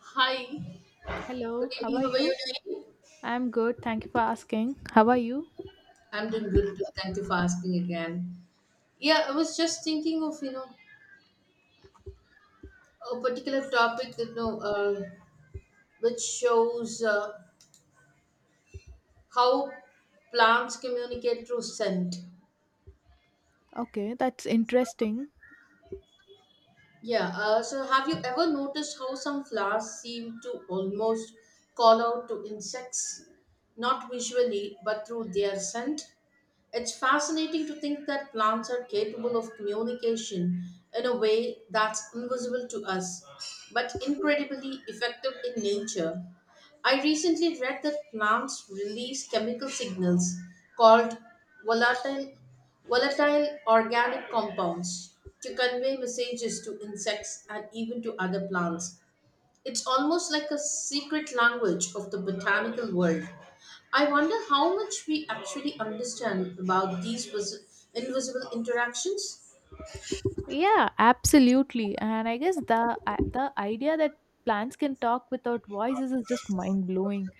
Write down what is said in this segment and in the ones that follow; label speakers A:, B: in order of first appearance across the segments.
A: Hi, good
B: Hello, how
A: evening.
B: are
A: How are you
B: you?
A: doing?
B: I'm good. Thank you for asking. How are you?
A: I'm doing good too. Thank you for asking again. Yeah, I was just thinking of a particular topic that which shows how plants communicate through scent.
B: Okay, that's interesting.
A: Yeah. So have you ever noticed how some flowers seem to almost call out to insects, not visually but through their scent? It's fascinating to think that plants are capable of communication in a way that's invisible to us, but incredibly effective in nature. I recently read that plants release chemical signals called volatile, volatile organic compounds to convey messages to insects and even to other plants. It's almost like a secret language of the botanical world. I wonder how much we actually understand about these invisible interactions.
B: Yeah, absolutely. And I guess the idea that plants can talk without voices is just mind blowing.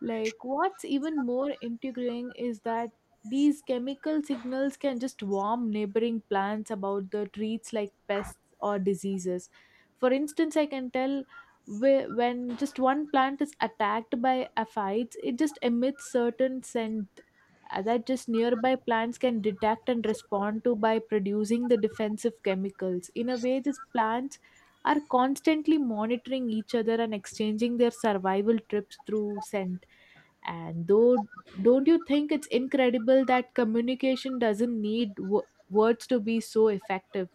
B: Like, what's even more intriguing is that these chemical signals can just warn neighboring plants about the treats like pests or diseases. For instance, I can tell when just one plant is attacked by aphids, it just emits certain scent that just nearby plants can detect and respond to by producing the defensive chemicals. In a way, these plants are constantly monitoring each other and exchanging their survival trips through scent. And though, don't you think it's incredible that communication doesn't need words to be so effective?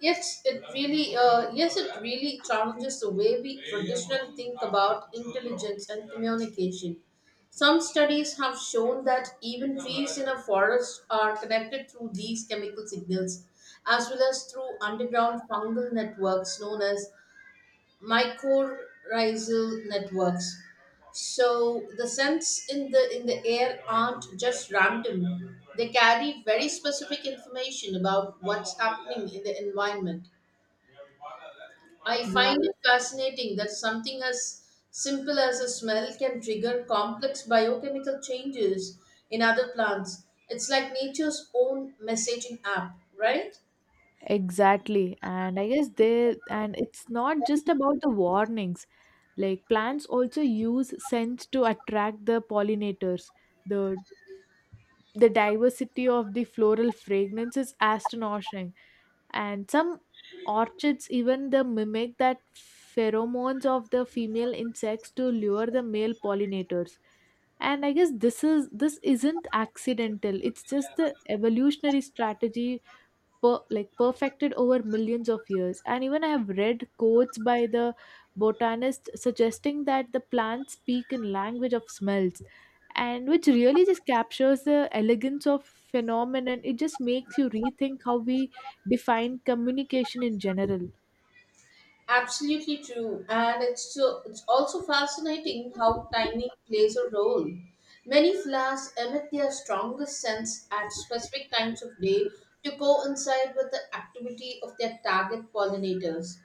A: Yes, it really challenges the way we traditionally think about intelligence and communication. Some studies have shown that even trees in a forest are connected through these chemical signals, as well as through underground fungal networks known as mycorrhizal networks. So the scents in the air aren't just random. They carry very specific information about what's happening in the environment. I
B: Yeah,
A: find it fascinating that something as simple as a smell can trigger complex biochemical changes in other plants. It's like nature's own messaging app, right?
B: exactly. And and it's not just about the warnings. Like plants also use scents to attract the pollinators. The the diversity of the floral fragrance is astonishing, and some orchids even the mimic that pheromones of the female insects to lure the male pollinators. And I guess this isn't accidental. It's just the evolutionary strategy like perfected over millions of years. And even I have read quotes by the botanist suggesting that the plants speak in language of smells, and which really just captures the elegance of phenomenon. It just makes you rethink how we define communication in general.
A: Absolutely true, and it's also fascinating how timing plays a role. Many flowers emit their strongest scents at specific times of day to coincide with the activity of their target pollinators.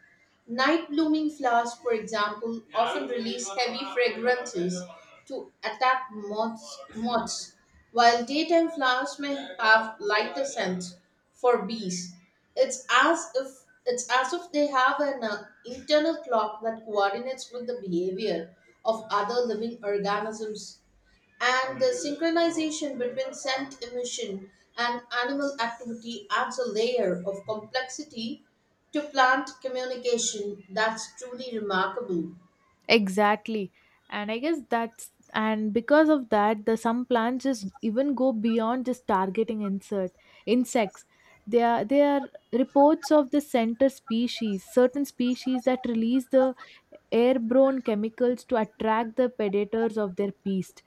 A: Night blooming flowers, for example, often release heavy fragrances to attack moths, while daytime flowers may have lighter scents for bees. It's as if they have an internal clock that coordinates with the behavior of other living organisms, and the synchronization between scent emission and animal activity adds a layer of complexity to plant communication that's truly remarkable.
B: Exactly. And I guess that's and because of that, the some plants just even go beyond just targeting insert insects. They are reports of the certain species that release the airborne chemicals to attract the predators of their beast,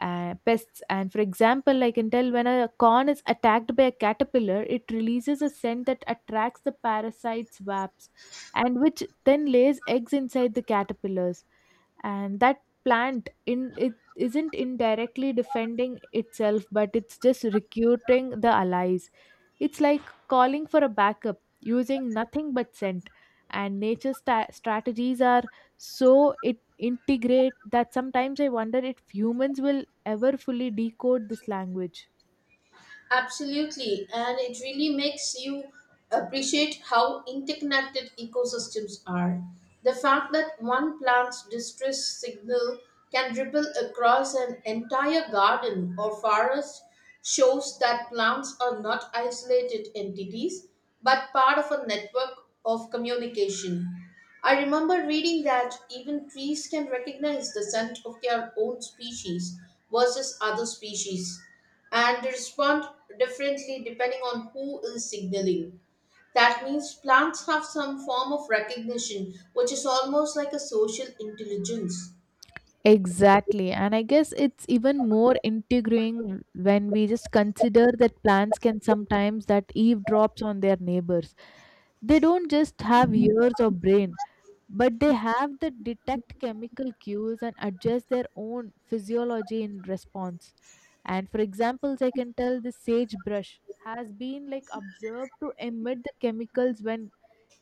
B: pests. And for example, I can tell when a corn is attacked by a caterpillar, it releases a scent that attracts the parasites' wasps, and which then lays eggs inside the caterpillars. And that plant in it isn't indirectly defending itself, but it's just recruiting the allies. It's like calling for a backup using nothing but scent. And nature strategies are so it integrate that sometimes I wonder if humans will ever fully decode this language.
A: Absolutely, and it really makes you appreciate how interconnected ecosystems are. The fact that one plant's distress signal can ripple across an entire garden or forest shows that plants are not isolated entities but part of a network of communication. I remember reading that even trees can recognize the scent of their own species versus other species, and they respond differently depending on who is signaling. That means plants have some form of recognition, which is almost like a social intelligence.
B: Exactly. And I guess it's even more intriguing when we just consider that plants can sometimes that eavesdrops on their neighbors. They don't just have ears or brain, but they have the detect chemical cues and adjust their own physiology in response. And for examples, I can tell the sagebrush has been like observed to emit the chemicals when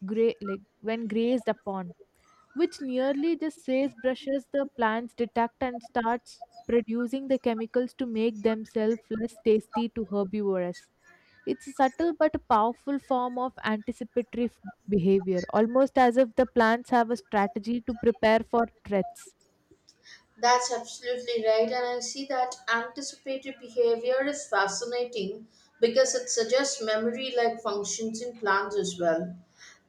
B: like when grazed upon, which nearly just says brushes the plants detect and starts producing the chemicals to make themselves less tasty to herbivores. It's a subtle but a powerful form of anticipatory behavior, almost as if the plants have a strategy to prepare for threats.
A: That's absolutely right, and I see that anticipatory behavior is fascinating because it suggests memory like functions in plants as well.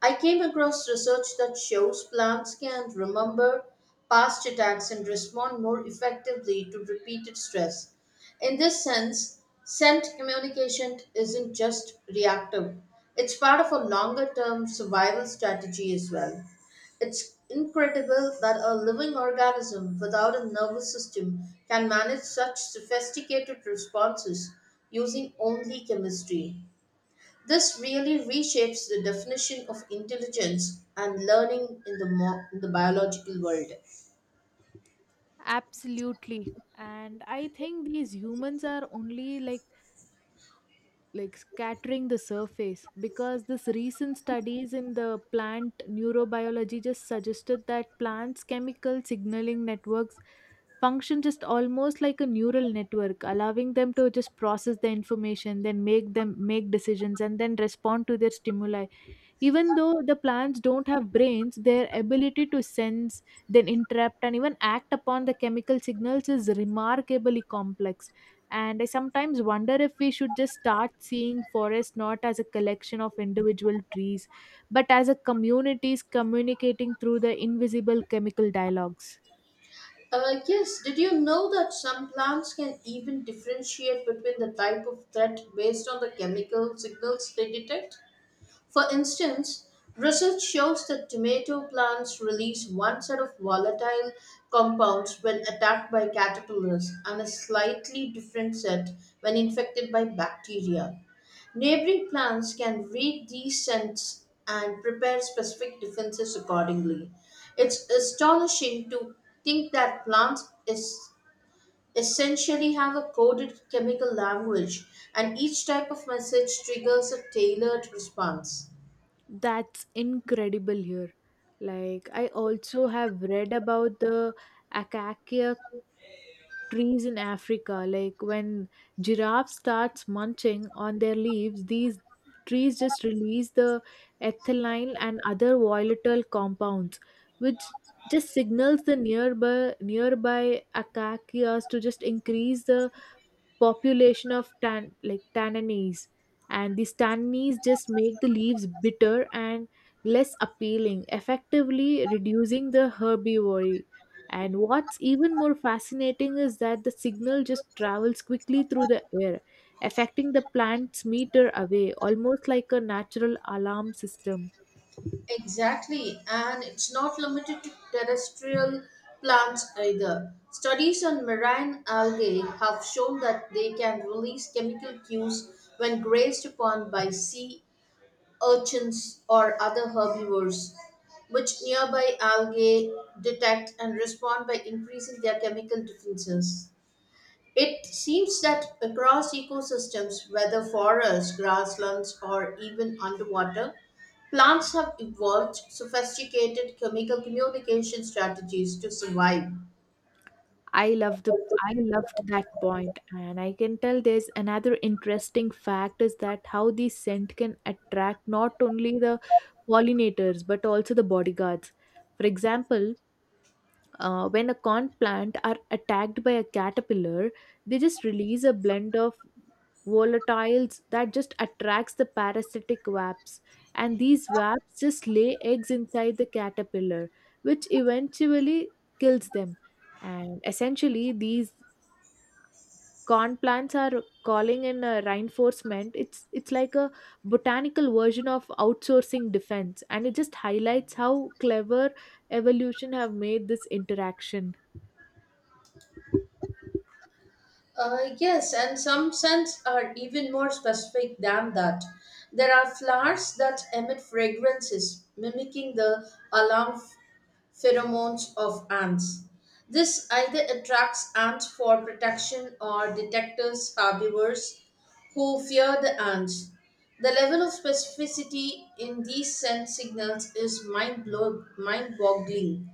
A: I came across research that shows plants can remember past attacks and respond more effectively to repeated stress. In this sense, scent communication isn't just reactive, it's part of a longer term survival strategy as well. It's incredible that a living organism without a nervous system can manage such sophisticated responses using only chemistry. This really reshapes the definition of intelligence and learning in in the biological world.
B: Absolutely. And I think these humans are only like scattering the surface because this recent studies in the plant neurobiology just suggested that plants chemical signaling networks function just almost like a neural network, allowing them to just process the information, then make them make decisions and then respond to their stimuli. Even though the plants don't have brains, their ability to sense, then interrupt, and even act upon the chemical signals is remarkably complex. And I sometimes wonder if we should just start seeing forests not as a collection of individual trees, but as a communities communicating through the invisible chemical dialogues.
A: Yes, did you know that some plants can even differentiate between the type of threat based on the chemical signals they detect? For instance, research shows that tomato plants release one set of volatile compounds when attacked by caterpillars and a slightly different set when infected by bacteria. Neighboring plants can read these scents and prepare specific defenses accordingly. It's astonishing to think that plants is essentially have a coded chemical language, and each type of message triggers a tailored response.
B: That's incredible here. Like I also have read about the Acacia trees in Africa. Like when giraffe starts munching on their leaves, these trees just release the ethylene and other volatile compounds, which just signals the nearby acacias to just increase the population of tan like tannins. And these tannins just make the leaves bitter and less appealing, effectively reducing the herbivory. And what's even more fascinating is that the signal just travels quickly through the air, affecting the plant's meter away, almost like a natural alarm system.
A: Exactly, and it's not limited to terrestrial plants either. Studies on marine algae have shown that they can release chemical cues when grazed upon by sea urchins or other herbivores, which nearby algae detect and respond by increasing their chemical defenses. It seems that across ecosystems, whether forests, grasslands, or even underwater, plants have evolved sophisticated chemical communication strategies to survive.
B: I love the I loved that point, and I can tell there's another interesting fact is that how the scent can attract not only the pollinators but also the bodyguards. For example, when a corn plant are attacked by a caterpillar, they just release a blend of volatiles that just attracts the parasitic wasps. And these wasps just lay eggs inside the caterpillar, which eventually kills them. And essentially, these corn plants are calling in a reinforcement. It's like a botanical version of outsourcing defense, and it just highlights how clever evolution have made this interaction.
A: Yes, and some scents are even more specific than that. There are flowers that emit fragrances, mimicking the alarm pheromones of ants. This either attracts ants for protection or detectors herbivores who fear the ants. The level of specificity in these scent signals is mind boggling.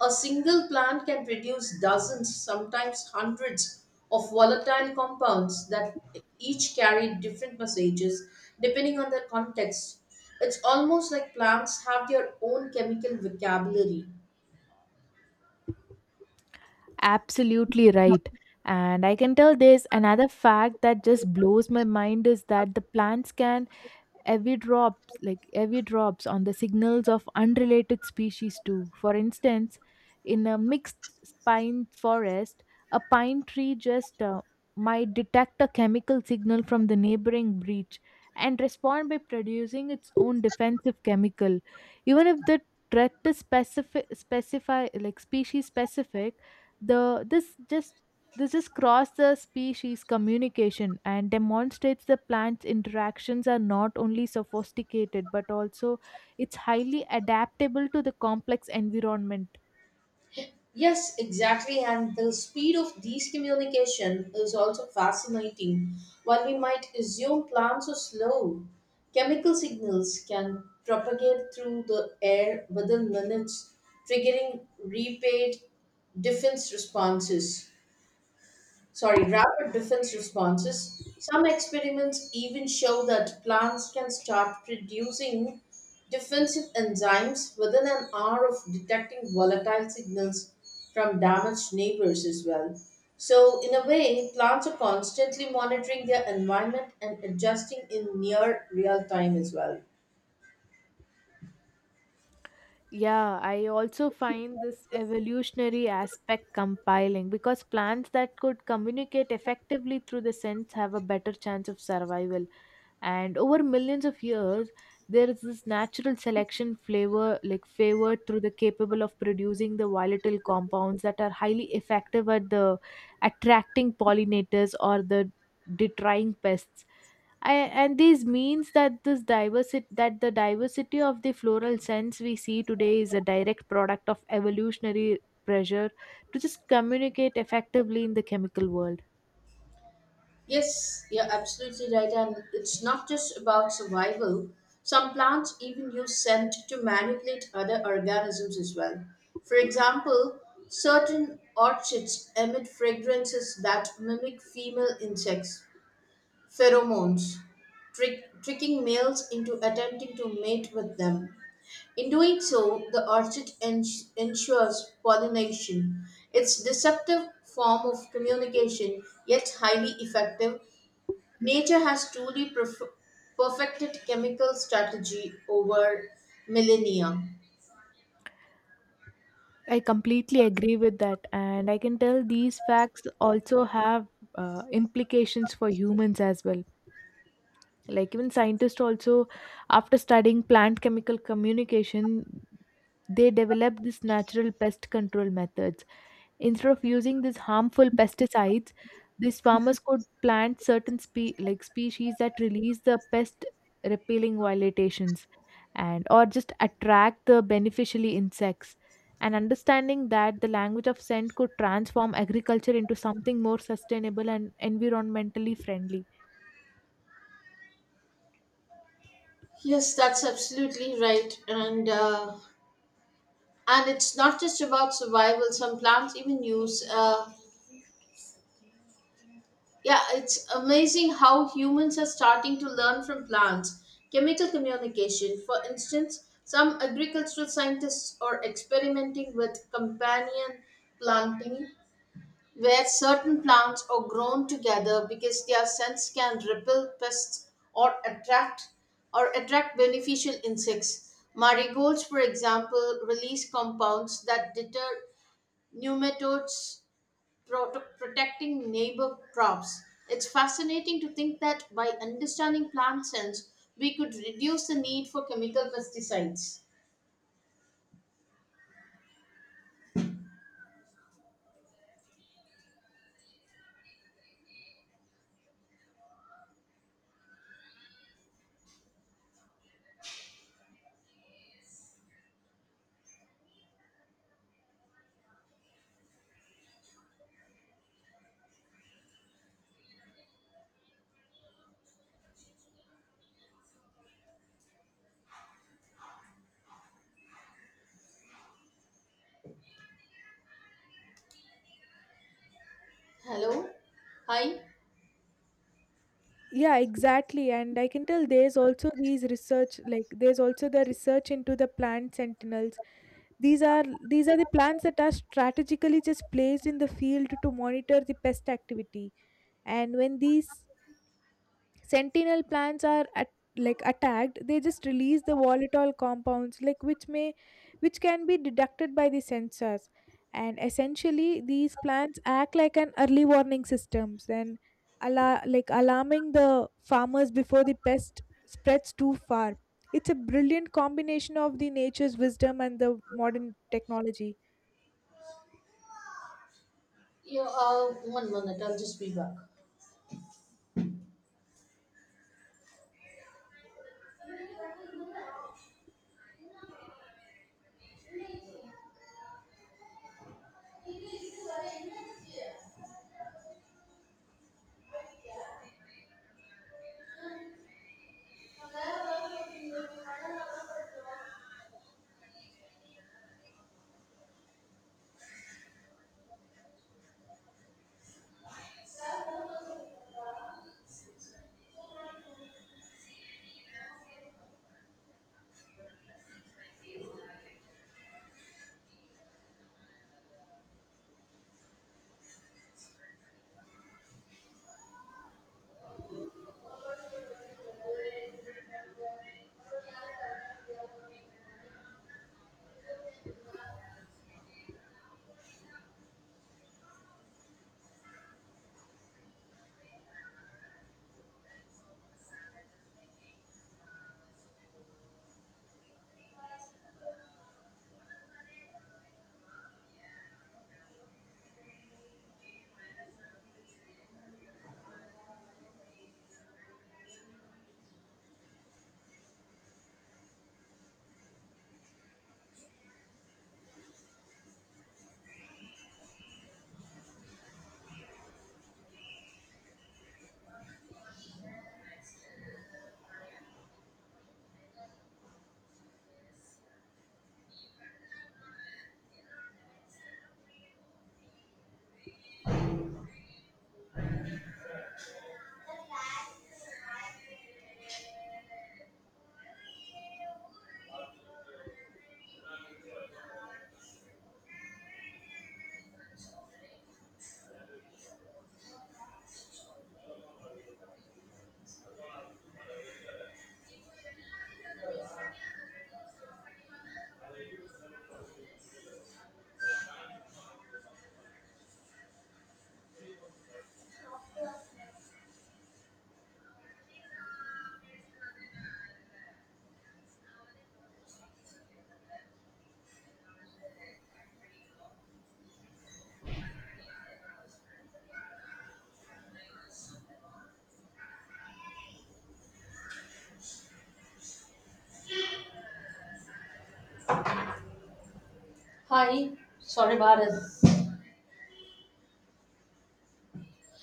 A: A single plant can produce dozens, sometimes hundreds, of volatile compounds that each carry different messages depending on their context. It's almost like plants have their own chemical vocabulary.
B: Absolutely right. And I can tell there's another fact that just blows my mind is that the plants can heavy drops like heavy drops on the signals of unrelated species too. For instance, in a mixed pine forest, a pine tree just might detect a chemical signal from the neighboring branch and respond by producing its own defensive chemical, even if the threat is specific specify like species specific. The this just this is cross the species communication and demonstrates the plant's interactions are not only sophisticated but also it's highly adaptable to the complex environment.
A: Yes, exactly. And the speed of these communication is also fascinating. While we might assume plants are slow, chemical signals can propagate through the air within minutes, triggering repeat defense responses, sorry, rapid defense responses. Some experiments even show that plants can start producing defensive enzymes within an hour of detecting volatile signals from damaged neighbors as well. So, in a way, plants are constantly monitoring their environment and adjusting in near real time as well.
B: Yeah, I also find this evolutionary aspect compiling because plants that could communicate effectively through the sense have a better chance of survival. And over millions of years, there is this natural selection flavor like favored through the capable of producing the volatile compounds that are highly effective at the attracting pollinators or the deterring pests. I and this means that this diversity that the diversity of the floral scents we see today is a direct product of evolutionary pressure to just communicate effectively in the chemical world.
A: Yes, you're absolutely right. And it's not just about survival. Some plants even use scent to manipulate other organisms as well. For example, certain orchids emit fragrances that mimic female insects, pheromones, tricking males into attempting to mate with them. In doing so, the orchid ensures pollination. Its deceptive form of communication, yet highly effective. Nature has truly perfected chemical strategy over millennia.
B: I completely agree with that. And I can tell these facts also have implications for humans as well. Like, even scientists also, after studying plant chemical communication, they developed this natural pest control methods. Instead of using these harmful pesticides, these farmers could plant certain like species that release the pest repelling violations and or just attract the beneficially insects. And understanding that the language of scent could transform agriculture into something more sustainable and environmentally friendly.
A: Yes, that's absolutely right, and it's not just about survival. Some plants even use. Yeah, it's amazing how humans are starting to learn from plants. Chemical communication, for instance, some agricultural scientists are experimenting with companion planting where certain plants are grown together because their scents can repel pests or attract beneficial insects. Marigolds, for example, release compounds that deter nematodes, protecting neighbor crops. It's fascinating to think that by understanding plant scents, we could reduce the need for chemical pesticides. Hello? Hi?
B: Yeah, exactly. And I can tell there's also like, there's also the research into the plant sentinels. These are these are the plants that are strategically just placed in the field to monitor the pest activity. And when these sentinel plants are like attacked, they just release the volatile compounds, which can be detected by the sensors. And essentially, these plants act like an early warning systems and like alarming the farmers before the pest spreads too far. It's a brilliant combination of the nature's wisdom and the modern technology.
A: Yeah, one minute, I'll just be back.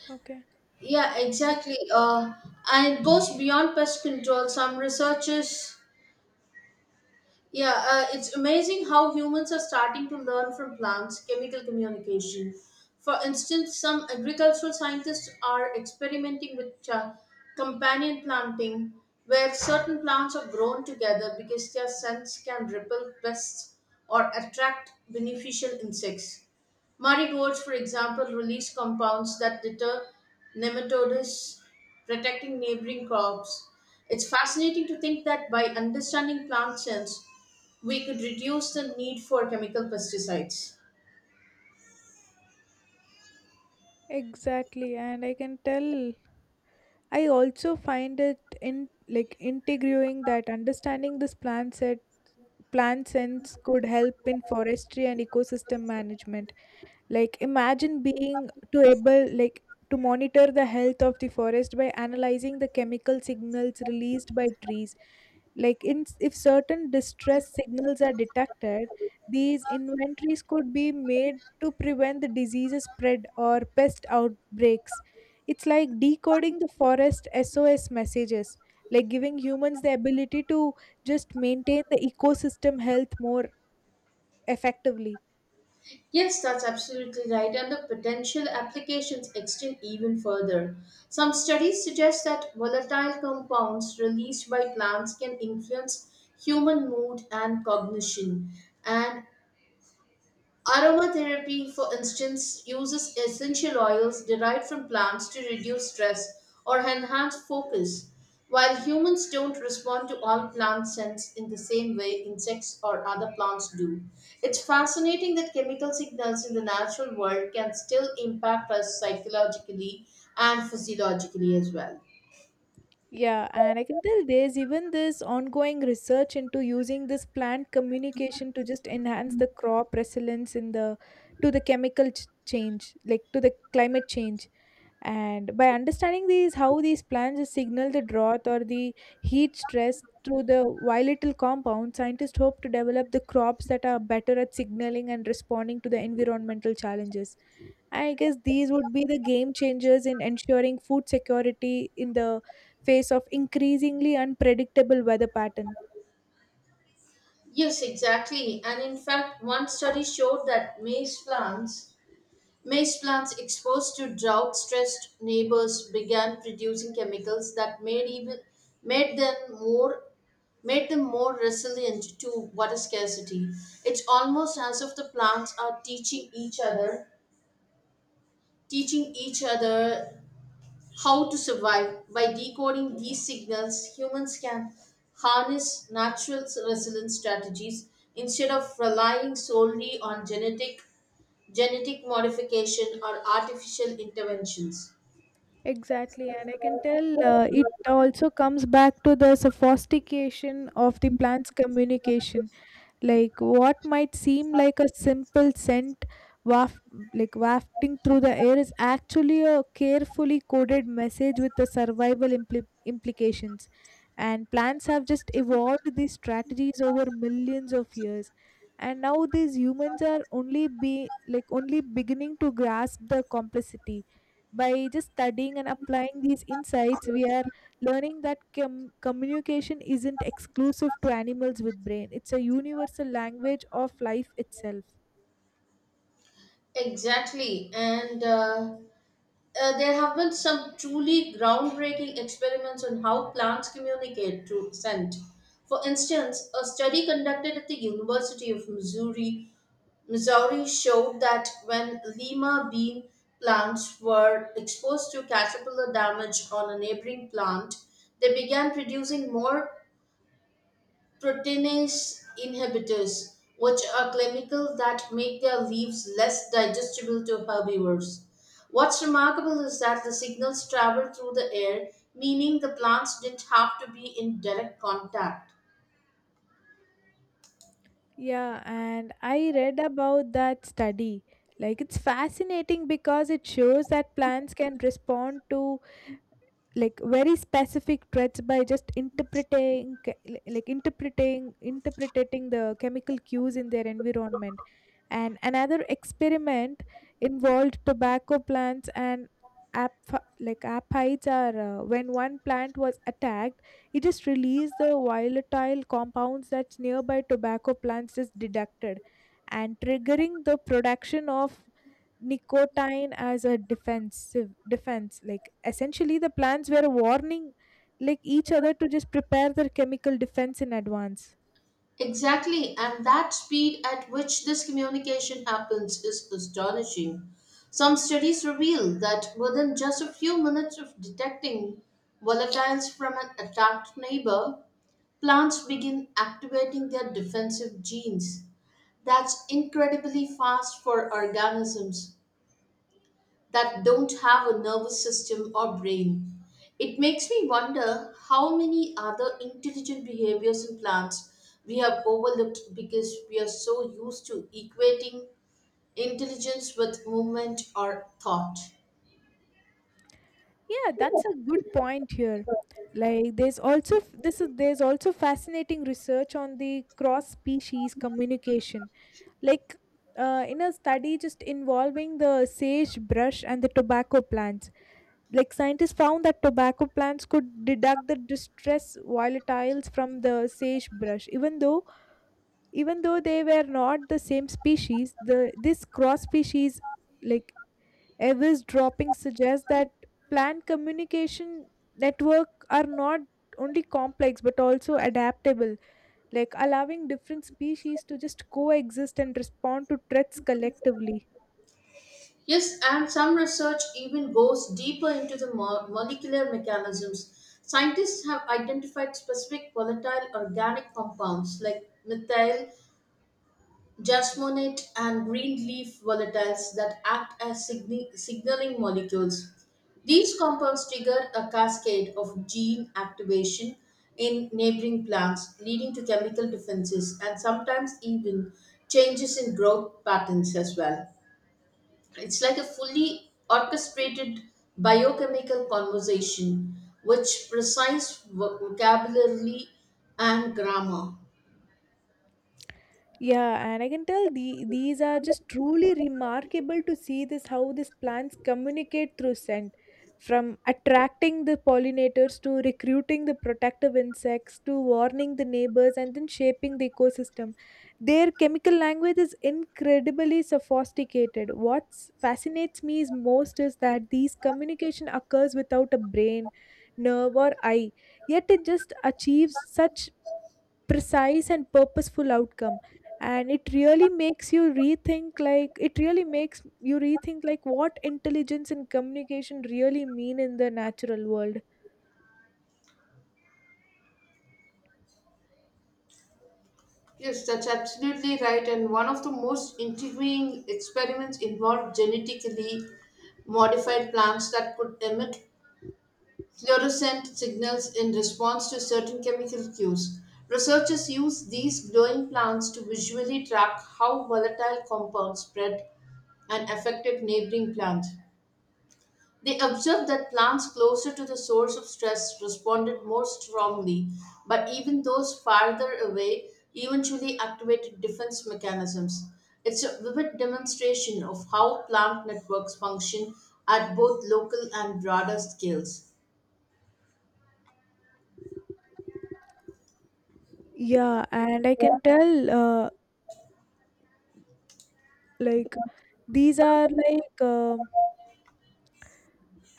B: Okay.
A: Yeah,
B: That's a-
A: exactly. And it goes beyond pest control. Some researchers yeah, it's amazing how humans are starting to learn from plants' chemical communication. For instance, some agricultural scientists are experimenting with companion planting, where certain plants are grown together because their scents can repel pests or attract beneficial insects. Marigolds, for example, release compounds that deter nematodes, protecting neighboring crops. It's fascinating to think that by understanding plant sense, we could reduce the need for chemical pesticides.
B: exactly. And I can tell I also find it in like integrating that understanding this plant set plant sense could help in forestry and ecosystem management. Like imagine being to able like to monitor the health of the forest by analyzing the chemical signals released by trees. Like in if certain distress signals are detected, these inventories could be made to prevent the disease spread or pest outbreaks. It's like decoding the forest SOS messages, like giving humans the ability to just maintain the ecosystem health more effectively.
A: Yes, that's absolutely right, and the potential applications extend even further. Some studies suggest that volatile compounds released by plants can influence human mood and cognition, and aromatherapy, for instance, uses essential oils derived from plants to reduce stress or enhance focus. While humans don't respond to all plant scents in the same way insects or other plants do, it's fascinating that chemical signals in the natural world can still impact us psychologically and physiologically as well.
B: Yeah, and I can tell there's even this ongoing research into using this plant communication to just enhance the crop resilience in the to the change, like to the climate change. And by understanding these, how these plants just signal the drought or the heat stress through the volatile compound, scientists hope to develop the crops that are better at signaling and responding to the environmental challenges. I guess these would be the game changers in ensuring food security in the face of increasingly unpredictable weather pattern.
A: Yes, exactly. And in fact, one study showed that maize plants exposed to drought stressed neighbors began producing chemicals that made them more made them more resilient to water scarcity. It's almost as if the plants are teaching each other how to survive. By decoding these signals, humans can harness natural resilience strategies instead of relying solely on genetic modification or artificial interventions.
B: Exactly, and I can tell it also comes back to the sophistication of the plant's communication. Like what might seem like a simple scent waft like wafting through the air is actually a carefully coded message with the survival implications. And plants have just evolved these strategies over millions of years, and now these humans are only be like only beginning to grasp the complexity. By just studying and applying these insights, we are learning that communication isn't exclusive to animals with brain. It's a universal language of life itself.
A: Exactly, and there have been some truly groundbreaking experiments on how plants communicate through scent. For instance, a study conducted at the University of Missouri showed that when lima bean plants were exposed to caterpillar damage on a neighboring plant, they began producing more proteinase inhibitors, which are chemicals that make their leaves less digestible to herbivores. What's remarkable is that the signals travel through the air, meaning the plants didn't have to be in direct contact.
B: Yeah, and I read about that study. Like it's fascinating because it shows that plants can respond to like very specific threats by just like interpreting the chemical cues in their environment. And another experiment involved tobacco plants and like aphids are when one plant was attacked, it just released the volatile compounds that nearby tobacco plants just deducted and triggering the production of nicotine as a defensive defense. Like essentially the plants were warning like each other to just prepare their chemical defense in advance.
A: Exactly, and that speed at which this communication happens is astonishing. Some studies reveal that within just a few minutes of detecting volatiles from an attacked neighbor, plants begin activating their defensive genes. That's incredibly fast for organisms that don't have a nervous system or brain. It makes me wonder how many other intelligent behaviors in plants we have overlooked because we are so used to equating intelligence with movement or thought.
B: Yeah, that's a good point here. Like there's also f- this is there's also fascinating research on the cross species communication. Like in a study just involving the sagebrush and the tobacco plants. Like scientists found that tobacco plants could deduct the distress volatiles from the sagebrush, even though they were not the same species. The this cross species like Avis dropping suggests that planned communication network are not only complex but also adaptable, like allowing different species to just coexist and respond to threats collectively.
A: Yes, and some research even goes deeper into the molecular mechanisms. Scientists have identified specific volatile organic compounds like methyl jasmonate and green leaf volatiles that act as signaling molecules. These compounds trigger a cascade of gene activation in neighboring plants, leading to chemical defenses and sometimes even changes in growth patterns as well. It's like a fully orchestrated biochemical conversation, which precise vocabulary and grammar.
B: Yeah, and I can tell these are just truly remarkable to see this how these plants communicate through scent, from attracting the pollinators to recruiting the protective insects to warning the neighbors and then shaping the ecosystem. Their chemical language is incredibly sophisticated. What fascinates me is most is that these communication occurs without a brain, nerve or eye, yet it just achieves such precise and purposeful outcome. And it really makes you rethink like what intelligence and communication really mean in the natural world.
A: Yes, that's absolutely right. And one of the most intriguing experiments involved genetically modified plants that could emit fluorescent signals in response to certain chemical cues. Researchers used these glowing plants to visually track how volatile compounds spread and affected neighboring plants. They observed that plants closer to the source of stress responded more strongly, but even those farther away eventually activated defense mechanisms. It's a vivid demonstration of how plant networks function at both local and broader scales.
B: Yeah, and I can tell like these are like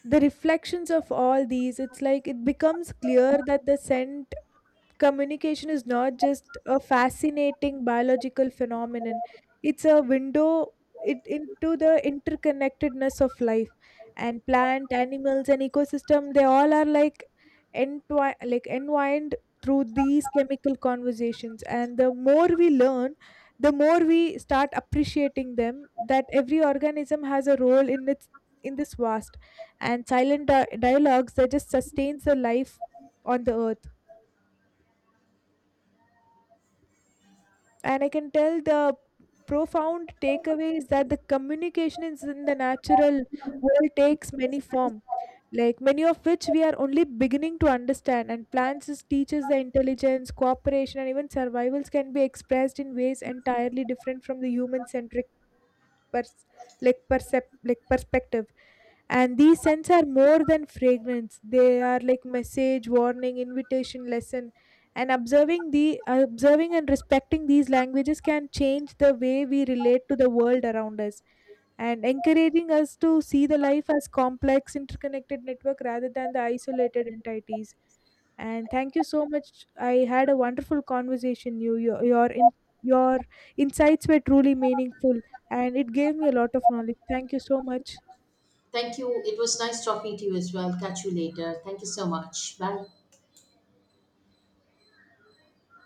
B: the reflections of all these. It's like it becomes clear that the scent communication is not just a fascinating biological phenomenon. It's a into the interconnectedness of life. And plant animals and ecosystem they all are like entwined through these chemical conversations. And the more we learn, the more we start appreciating them that every organism has a role in its in this vast and silent dialogues that just sustains the life on the earth. And I can tell the profound takeaway is that the communication is in the natural world takes many form, like many of which we are only beginning to understand. And plants teaches the intelligence cooperation and even survivals can be expressed in ways entirely different from the human centric pers- like perspective. And these scents are more than fragrance. They are like message warning invitation lesson. And observing and respecting these languages can change the way we relate to the world around us, and encouraging us to see the life as complex interconnected network rather than the isolated entities. And thank you so much. I had a wonderful conversation. Your insights were truly meaningful, and it gave me a lot of knowledge. Thank you so much.
A: Thank you. It was nice talking to you as well. Catch you later. Thank you so much. Bye.